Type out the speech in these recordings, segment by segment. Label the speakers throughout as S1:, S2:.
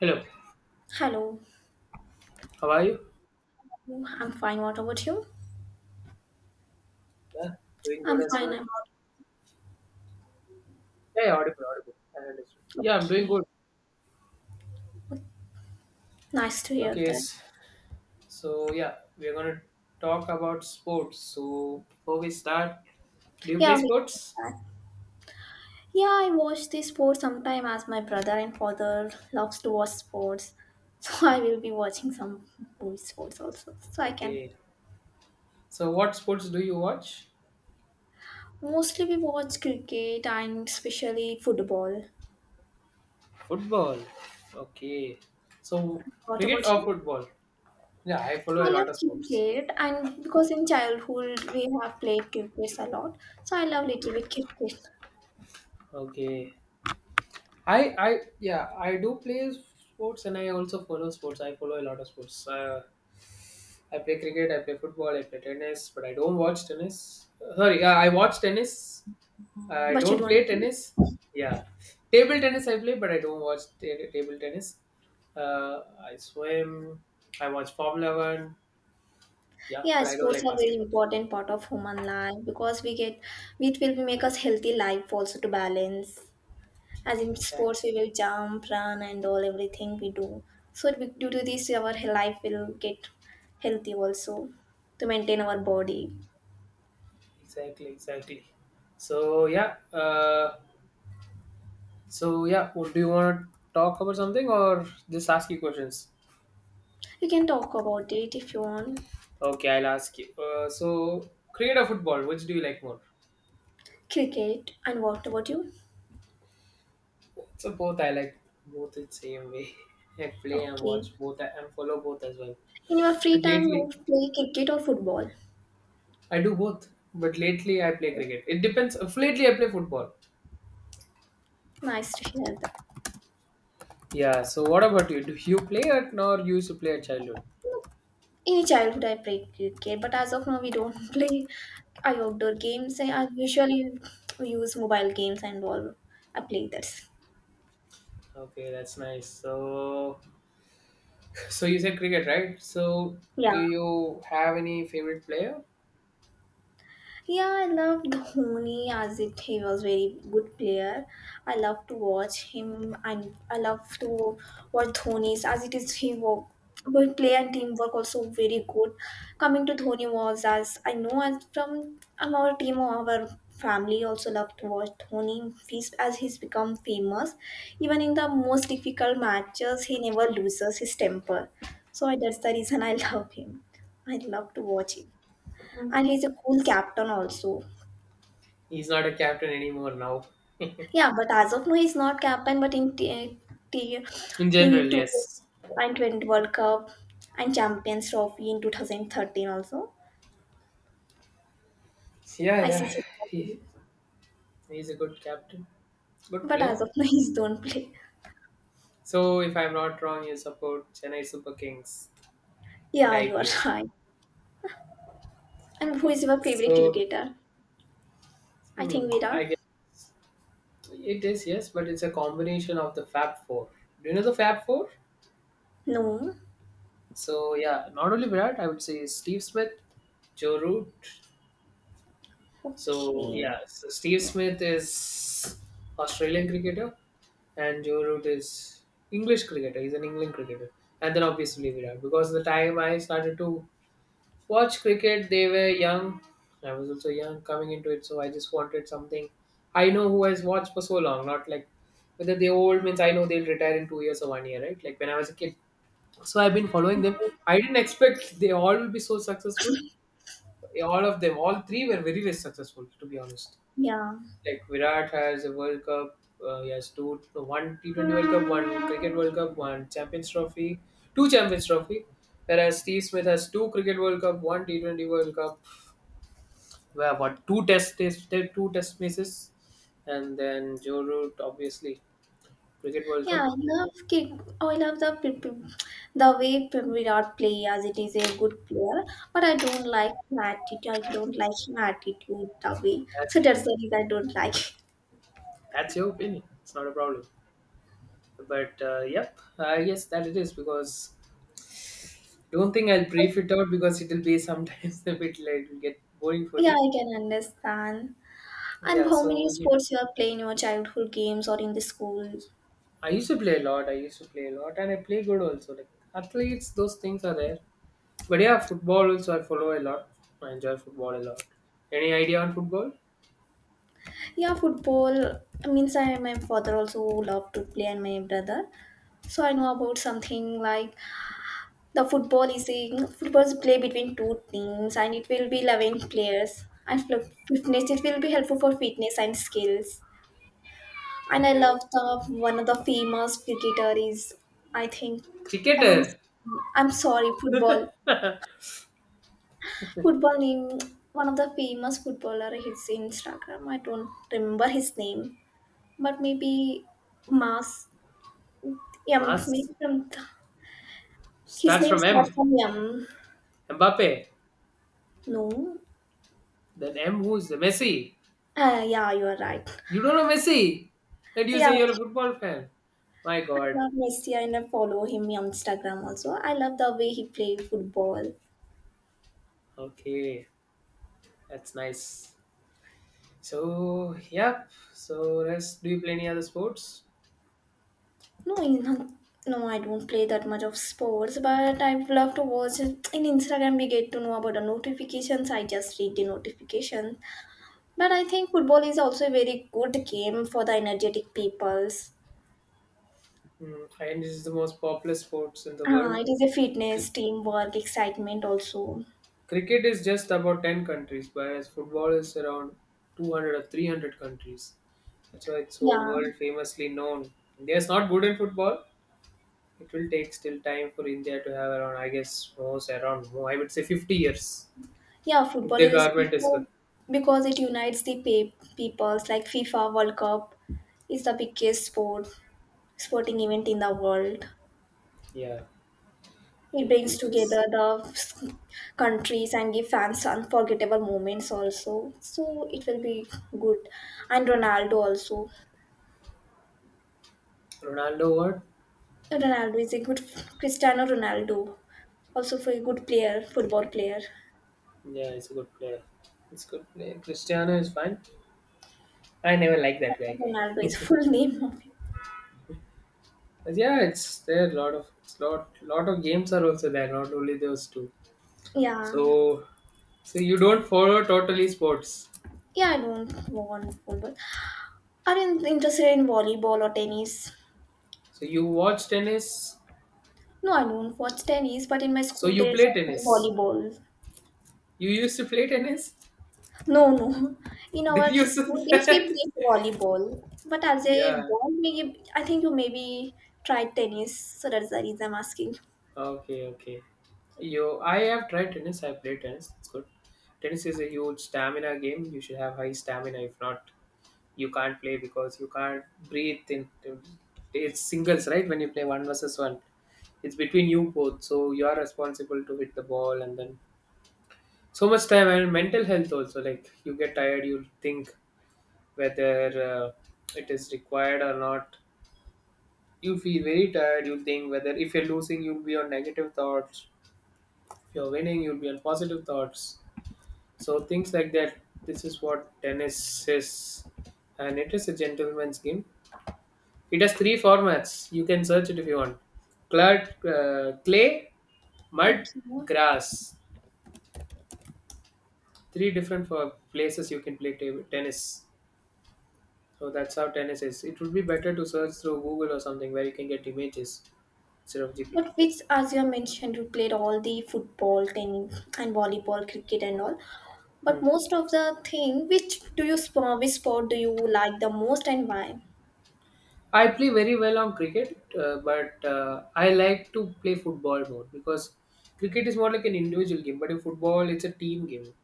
S1: Hello,
S2: Hello,
S1: how are you?
S2: I'm fine. What about you?
S1: Yeah, doing good
S2: I'm
S1: as
S2: fine.
S1: well.
S2: I'm out.
S1: Yeah, yeah, audible, audible. I understood. Yeah, I'm doing
S2: Okay.
S1: good.
S2: Nice to hear
S1: Okay,
S2: that.
S1: so yeah, we're gonna talk about sports. So before we start, do you play
S2: Yeah, we can
S1: sports?
S2: start. Yeah, I watch the sports sometime as my brother and father loves to watch sports. So I will be watching some boys sports also. So I can
S1: Okay. So what sports do you watch?
S2: Mostly we watch cricket and especially football.
S1: Football. Okay. So
S2: What
S1: cricket
S2: about
S1: or
S2: you?
S1: football? Yeah, I follow
S2: I
S1: a lot
S2: love
S1: of sports.
S2: cricket, and because in childhood we have played cricket a lot. So I love little bit cricket.
S1: Okay. I I yeah, I do play sports and I also follow sports. I follow a lot of sports. I play cricket, I play football, I play tennis, but I don't watch tennis. Sorry, yeah, I watch tennis. I
S2: But you
S1: don't play
S2: don't play.
S1: tennis. Yeah, table tennis I play, but I don't watch table tennis. Uh, I swim. I watch Formula One. Yeah,
S2: Yeah,
S1: but I don't
S2: sports
S1: like
S2: are very
S1: basketball.
S2: important part of human life because we get it will make us healthy life also to balance. As in sports,
S1: Exactly,
S2: we will jump, run, and all everything we do. So it will- due to this, our life will get healthy also to maintain our body.
S1: exactly, exactly. So yeah, so yeah. Well, do you want to talk about something or just ask you questions?
S2: You can talk about it if you want.
S1: Okay, I'll ask you. So, cricket or football, which do you like more?
S2: Cricket, and what about you?
S1: So both I like both the same way. I play and
S2: Okay.
S1: watch both and follow both as well.
S2: In your free
S1: But
S2: time,
S1: lately
S2: you play cricket or football.
S1: I do both. But lately I play cricket. It depends. Lately I play football.
S2: Nice to hear that.
S1: Yeah. So what about you? Do you play it or you used to play at childhood?
S2: In childhood, I played cricket, but as of now, we don't play outdoor games. I usually use mobile games and all. I play that.
S1: Okay, that's nice. So you said cricket, right? So do
S2: Yeah.
S1: you have any favorite player?
S2: Yeah, I love Dhoni as it he was very good player. I love to watch him, and I love to watch Dhoni's as it is he work but play and teamwork also very good. Coming to Dhoni was as I know as from our team or our family also love to watch Dhoni he's, as he's become famous. Even in the most difficult matches he never loses his temper. So I- that's the reason I love him. I love to watch him, and he's a cool captain also.
S1: He's not a captain anymore now.
S2: Yeah, but as of now, he's not captain. But in t-
S1: In general,
S2: team two
S1: yes.
S2: and twenty World Cup and Champions Trophy in 2013 also
S1: Yeah, yeah.
S2: ICC Trophy.
S1: He, he's a good captain. Good
S2: But as
S1: player.
S2: of now, he's don't play.
S1: So, if I'm not wrong, you support Chennai Super Kings in the
S2: Yeah, you are
S1: IPL.
S2: right. And who is your favorite
S1: So,
S2: cricketer? I think
S1: I
S2: Virat.
S1: guess it is, yes, but it's a combination of the Fab Four. Do you know the Fab Four?
S2: No.
S1: So, yeah, not only Virat, I would say Steve Smith, Joe Root. So,
S2: Okay.
S1: yeah, so Steve Smith is Australian cricketer and Joe Root is English cricketer. He's an England cricketer. And then obviously Virat, because the time I started to watch cricket, they were young. I was also young coming into it, so I just wanted something. I know who has watched for so long, not like whether they're old means I know they'll retire in 2 years or one year, right? Like when I was a kid. So I've been following them. I didn't expect they all will be so successful. All of them, all three were very, very successful, to be honest.
S2: Yeah.
S1: Like Virat has a World Cup. He has two, one T20 World Cup, one Cricket World Cup, one Champions Trophy, two Champions Trophy. Whereas Steve Smith has two Cricket World Cup, one T20 World Cup, well, what two two Test matches, and then Joe Root obviously Cricket World
S2: Yeah,
S1: Cup.
S2: I love kick. Oh, I love the Virat play as it is a good player, but I don't like him attitude. I don't like his attitude the way.
S1: That's
S2: So
S1: it.
S2: that's the reason I don't like.
S1: That's your opinion. It's not a problem. But yes, that it is because don't think I'll brief it out because it'll be sometimes a bit like it'll get boring for
S2: Yeah,
S1: you.
S2: I can understand. And
S1: Yeah,
S2: how
S1: so
S2: many
S1: yeah.
S2: sports you are playing your childhood games or in the school?
S1: I used to play a lot. I used to play a lot, and I play good also. Like athletes, those things are there. But yeah, football also I follow a lot. I enjoy football a lot. Any idea on football?
S2: Yeah, football. Means I my father also loved to play and my brother. So I know about something like the football is play between two teams, and it will be 11 players. And fitness it will be helpful for fitness and skills. And I
S1: Any
S2: love the one of the famous cricketer is I think I'm
S1: cricketer.
S2: I'm sorry football name one of the famous footballer his Instagram I don't remember his name, but maybe Mas M
S1: Mas
S2: maybe from th- his
S1: starts
S2: name
S1: from
S2: starts
S1: M.
S2: from M,
S1: Mbappe.
S2: no.
S1: Then M who's the Messi.
S2: Uh, yeah, you are right.
S1: You don't know Messi, and you
S2: Yeah,
S1: say you're a football fan. My
S2: I
S1: God.
S2: love Messi, and I follow him on Instagram also. I love the way he played football.
S1: Okay, that's nice. So yeah. So rest. Do you play any other sports?
S2: No, in, no, I don't play that much of sports, but I love to watch it. In Instagram, we get to know about the notifications. I just read the notifications. But I think football is also a very good game for the energetic peoples.
S1: Mm, and this is the most popular sports in the
S2: Ah,
S1: world.
S2: it is a
S1: Cr-
S2: fitness, teamwork, excitement also.
S1: Cricket is just about 10 countries, whereas football is around 200 or 300 countries. That's why it's so
S2: Yeah.
S1: world famously known. India is not good in football. It will take still time for India to have around, I guess, most around, oh, I would say 50 years
S2: Yeah,
S1: if
S2: football
S1: their
S2: is a
S1: government is good.
S2: special because it unites the peoples. Like FIFA World Cup is the biggest sporting event in the world.
S1: Yeah,
S2: It
S1: if
S2: brings
S1: it is
S2: together the countries and give fans unforgettable moments also. So it will be good. And Ronaldo also.
S1: Ronaldo, what?
S2: Ronaldo is a good Cristiano Ronaldo, also for a good player, football player.
S1: Yeah, he's a good player. It's good player. Cristiano is fine. I never liked that guy.
S2: Ronaldo is full name of him.
S1: Yeah, it's there. Lot of games are also there. Not only those two.
S2: Yeah.
S1: So, so you don't follow totally sports.
S2: Yeah, I don't want football. Are you interested in volleyball or tennis?
S1: So you watch tennis.
S2: No, I don't watch tennis, but in my
S1: So
S2: school
S1: you
S2: days,
S1: play
S2: I play
S1: tennis.
S2: volleyball.
S1: You used to play tennis.
S2: No, no. In
S1: Did
S2: our
S1: you
S2: school days, we played volleyball. But as a
S1: yeah.
S2: boy, we, I think you maybe tried tennis, so that's the reason I'm asking.
S1: Okay. Okay. You. I have tried tennis. I played tennis. It's good. Tennis is a huge stamina game. You should have high stamina. If not, you can't play because you can't breathe in. It's singles, right? When you play one versus one, it's between you both, so you are responsible to hit the ball and then so much time and mental health also, like you get tired, you think whether it is required or not. You feel very tired, you think whether if you're losing you'll be on negative thoughts, if you're winning you'll be on positive thoughts, so things like that. This is what tennis is, and it is a gentleman's game. It has three formats, you can search it if you want. Clay, mud,
S2: Okay.
S1: grass, three different places you can play table tennis. So that's how tennis is. It would be better to search through Google or something where you can get images instead of GPT.
S2: But which, as you have mentioned, you played all the football, tennis, and volleyball, cricket, and all. But
S1: Hmm.
S2: most of the thing, which sport do you like the most, and why?
S1: I play very well on cricket, but I like to play football more because cricket is more like an individual game, but in football, it's a team game.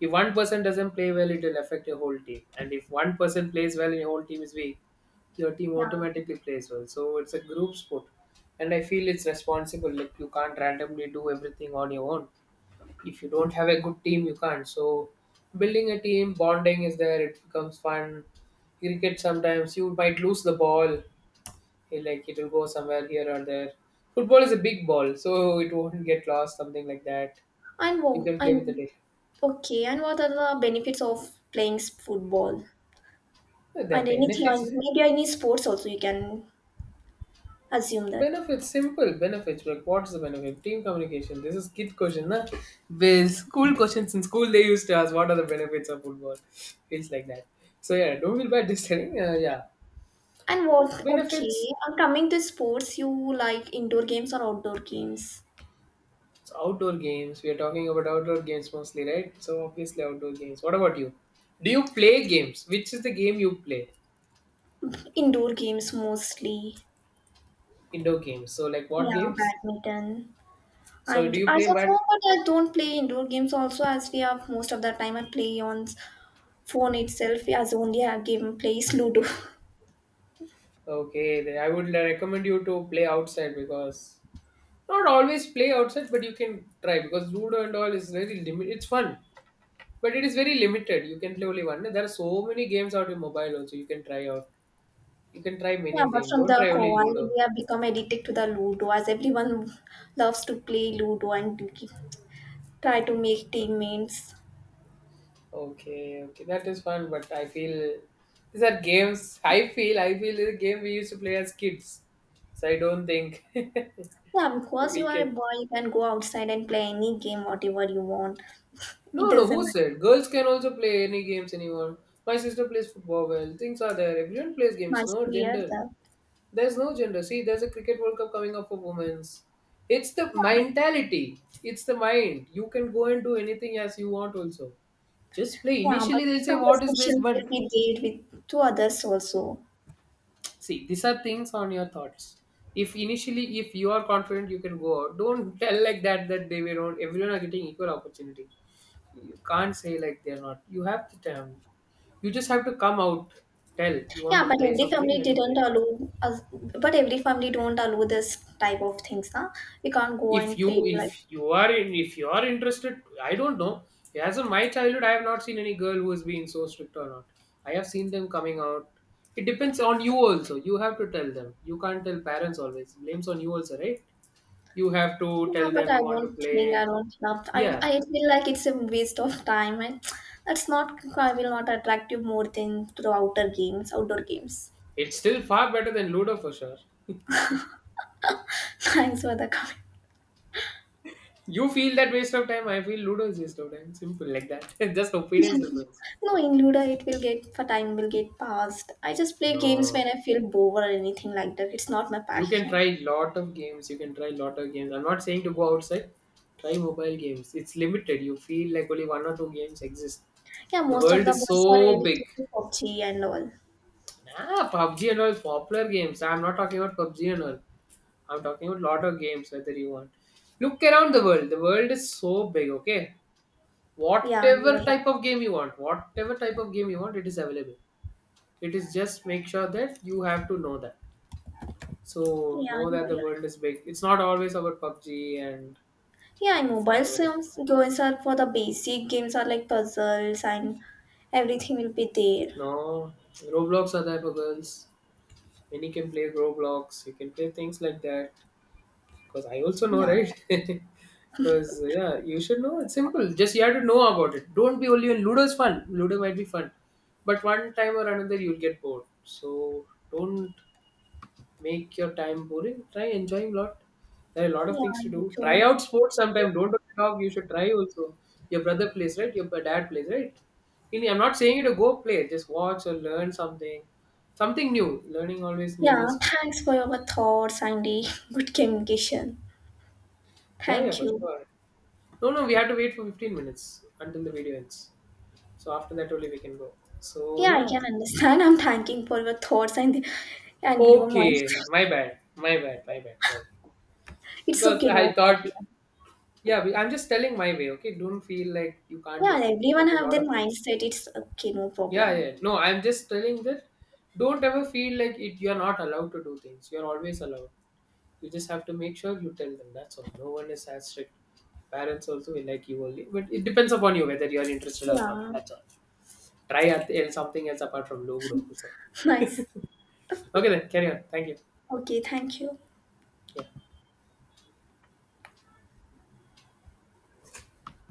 S1: If one person doesn't play well, it will affect your whole team, and if one person plays well and your whole team is weak, your team
S2: Yeah,
S1: automatically plays well. So it's a group sport, and I feel it's responsible. Like you can't randomly do everything on your own. If you don't have a good team, you can't. So building a team, bonding is there. It becomes fun. Cricket sometimes you might lose the ball, he like it'll go somewhere here or there. Football is a big ball, so it won't get lost. Something like that.
S2: and
S1: You
S2: wo-
S1: can play with
S2: and
S1: it.
S2: okay, and what are the benefits of playing football?
S1: The
S2: And anything,
S1: benefits,
S2: maybe any sports also you can assume that.
S1: benefits, simple benefits. Like what's the benefit? Team communication. This is kid question, na? With school questions in school, they used to ask what are the benefits of football. Feels like that. So yeah, don't feel bad This telling. Yeah,
S2: And what, okay,
S1: benefits.
S2: and coming to sports, you like indoor games or outdoor games?
S1: It's outdoor games. We are talking about outdoor games mostly, right? So obviously outdoor games. What about you? Do you play games? Which is the game you play?
S2: Indoor games mostly.
S1: Indoor games. So, like what
S2: Yeah,
S1: games?
S2: badminton.
S1: So,
S2: And
S1: do you
S2: as
S1: play?
S2: of
S1: But
S2: now, but I don't play indoor games also as we have most of the time I play on phone itself as only a game plays Ludo.
S1: okay, then I would recommend you to play outside because not always play outside, but you can try because judo and all is very limited. It's fun, but it is very limited. You can play only one. There are so many games out in mobile also. You can try out. You can try
S2: Yeah,
S1: many
S2: but
S1: things.
S2: from
S1: Don't
S2: the
S1: try only
S2: Goa, we
S1: Ludo.
S2: have become addicted to the Ludo as everyone loves to play Ludo and try to make teammates.
S1: Okay, okay, that is fun. But I feel these are games. I feel the game we used to play as kids. So I don't think
S2: Yeah, because you
S1: we
S2: are a
S1: can.
S2: boy, you can go outside and play any game, whatever you want. It
S1: No, no, who
S2: doesn't
S1: said? Girls can also play any games anyone. My sister plays football well. Things are there. Everyone plays games.
S2: much
S1: No
S2: to hear
S1: gender.
S2: that.
S1: There's no gender. See, there's a cricket World Cup coming up for women's. It's the
S2: Yeah, but,
S1: mentality. It's the mind. You can go and do anything as you want also. Just play.
S2: yeah, but
S1: Initially they say
S2: some
S1: what is this?
S2: restrictions will
S1: But
S2: be there with to others also.
S1: see, these are things on your thoughts. If initially, if you are confident you can go out, don't tell like that that they were not everyone are getting equal opportunity. You can't say like they're not, you have the time, you just have to come out, tell you want
S2: Yeah,
S1: to
S2: but
S1: play
S2: every
S1: something, you
S2: family
S1: have to play.
S2: didn't allow us, but every family don't allow this type of things, huh? We can't go and play
S1: If
S2: like
S1: you are in, if you are interested, I don't know. As in my childhood I have not seen any girl who has been so strict or not. I have seen them coming out. It depends on you also. You have to tell them, you can't tell, parents always blames on you also, right? You have to
S2: yeah,
S1: tell
S2: but
S1: them
S2: I
S1: you want to
S2: don't think
S1: play.
S2: I don't love. I
S1: Yeah,
S2: I feel like it's a waste of time. I, that's not. I will not attract you more than to the outer games, outdoor games.
S1: it's still far better than Ludo for sure.
S2: Thanks for the comment.
S1: You feel that waste of time, I feel Ludo is waste of time. Simple like that. Just opinions difference.
S2: No, in Ludo it will get for time will get passed. I just play games
S1: No.
S2: when I feel bored or anything like that. It's not my
S1: You can
S2: passion.
S1: try lot of games, you can try lot of games. I'm not saying to go outside. Try mobile games. It's limited. You feel like only one or two games exist.
S2: Yeah,
S1: The
S2: most of
S1: world
S2: the
S1: is
S2: boys are
S1: so big.
S2: addicted to PUBG and all.
S1: Nah, PUBG and all is popular games. I'm not talking about PUBG and all. I'm talking about lot of games whether you want. Look around the world. The world is so big, okay?
S2: Yeah, you're
S1: Whatever
S2: right.
S1: type of game you want, whatever type of game you want, it is available. It is just make sure that you have to know that, so
S2: Yeah,
S1: know
S2: you're
S1: that the
S2: right.
S1: world is big, it's not always about PUBG. And
S2: Yeah, and mobile
S1: whatever it is,
S2: games are for the basic games are like puzzles, and everything will be there.
S1: no, Roblox are there for girls. Many can play Roblox, you can play things like that, because I also know,
S2: Yeah,
S1: right? Because yeah, you should know, it's simple, just you have to know about it. Don't be only on Ludo's fun. Ludo might be fun, but one time or another you'll get bored. So don't make your time boring. Try enjoying a lot. There are a lot of things to
S2: yeah, you
S1: do. Try
S2: too.
S1: out sports sometime. Don't only talk. You should try also. Your brother plays, right? Your dad plays, right? In- I'm not saying you to go play. Just watch or learn something. Something new. Learning always new
S2: Yeah,
S1: is.
S2: thanks for your thoughts and the good communication.
S1: Yeah, yeah,
S2: Thank
S1: for
S2: you.
S1: sure. No, no, we have to wait for 15 minutes until the video ends. So after that only we can go. So
S2: Yeah, I
S1: yeah.
S2: can understand. I'm thanking for your thoughts and the, and your
S1: Okay,
S2: mindset.
S1: my bad, my bad, my bad. Sorry,
S2: It's
S1: because
S2: okay,
S1: I
S2: no
S1: thought
S2: problem.
S1: Yeah, we- I'm just telling my way, okay? Don't feel like you can't
S2: Yeah,
S1: do things. You can
S2: everyone
S1: do a
S2: have
S1: lot
S2: their
S1: of things.
S2: mindset. It's okay, no
S1: Yeah,
S2: problem.
S1: yeah. No, I'm just telling that don't ever feel like it you're not allowed to do things. You're always allowed. You just have to make sure you tell them. That's all. No one is as strict. Parents also will like you only. But it depends upon you whether you're interested or not.
S2: Yeah,
S1: That's all. Try at- something else apart from Logudo. So.
S2: nice.
S1: Okay then, carry on. Thank you.
S2: Okay, thank you.
S1: Yeah.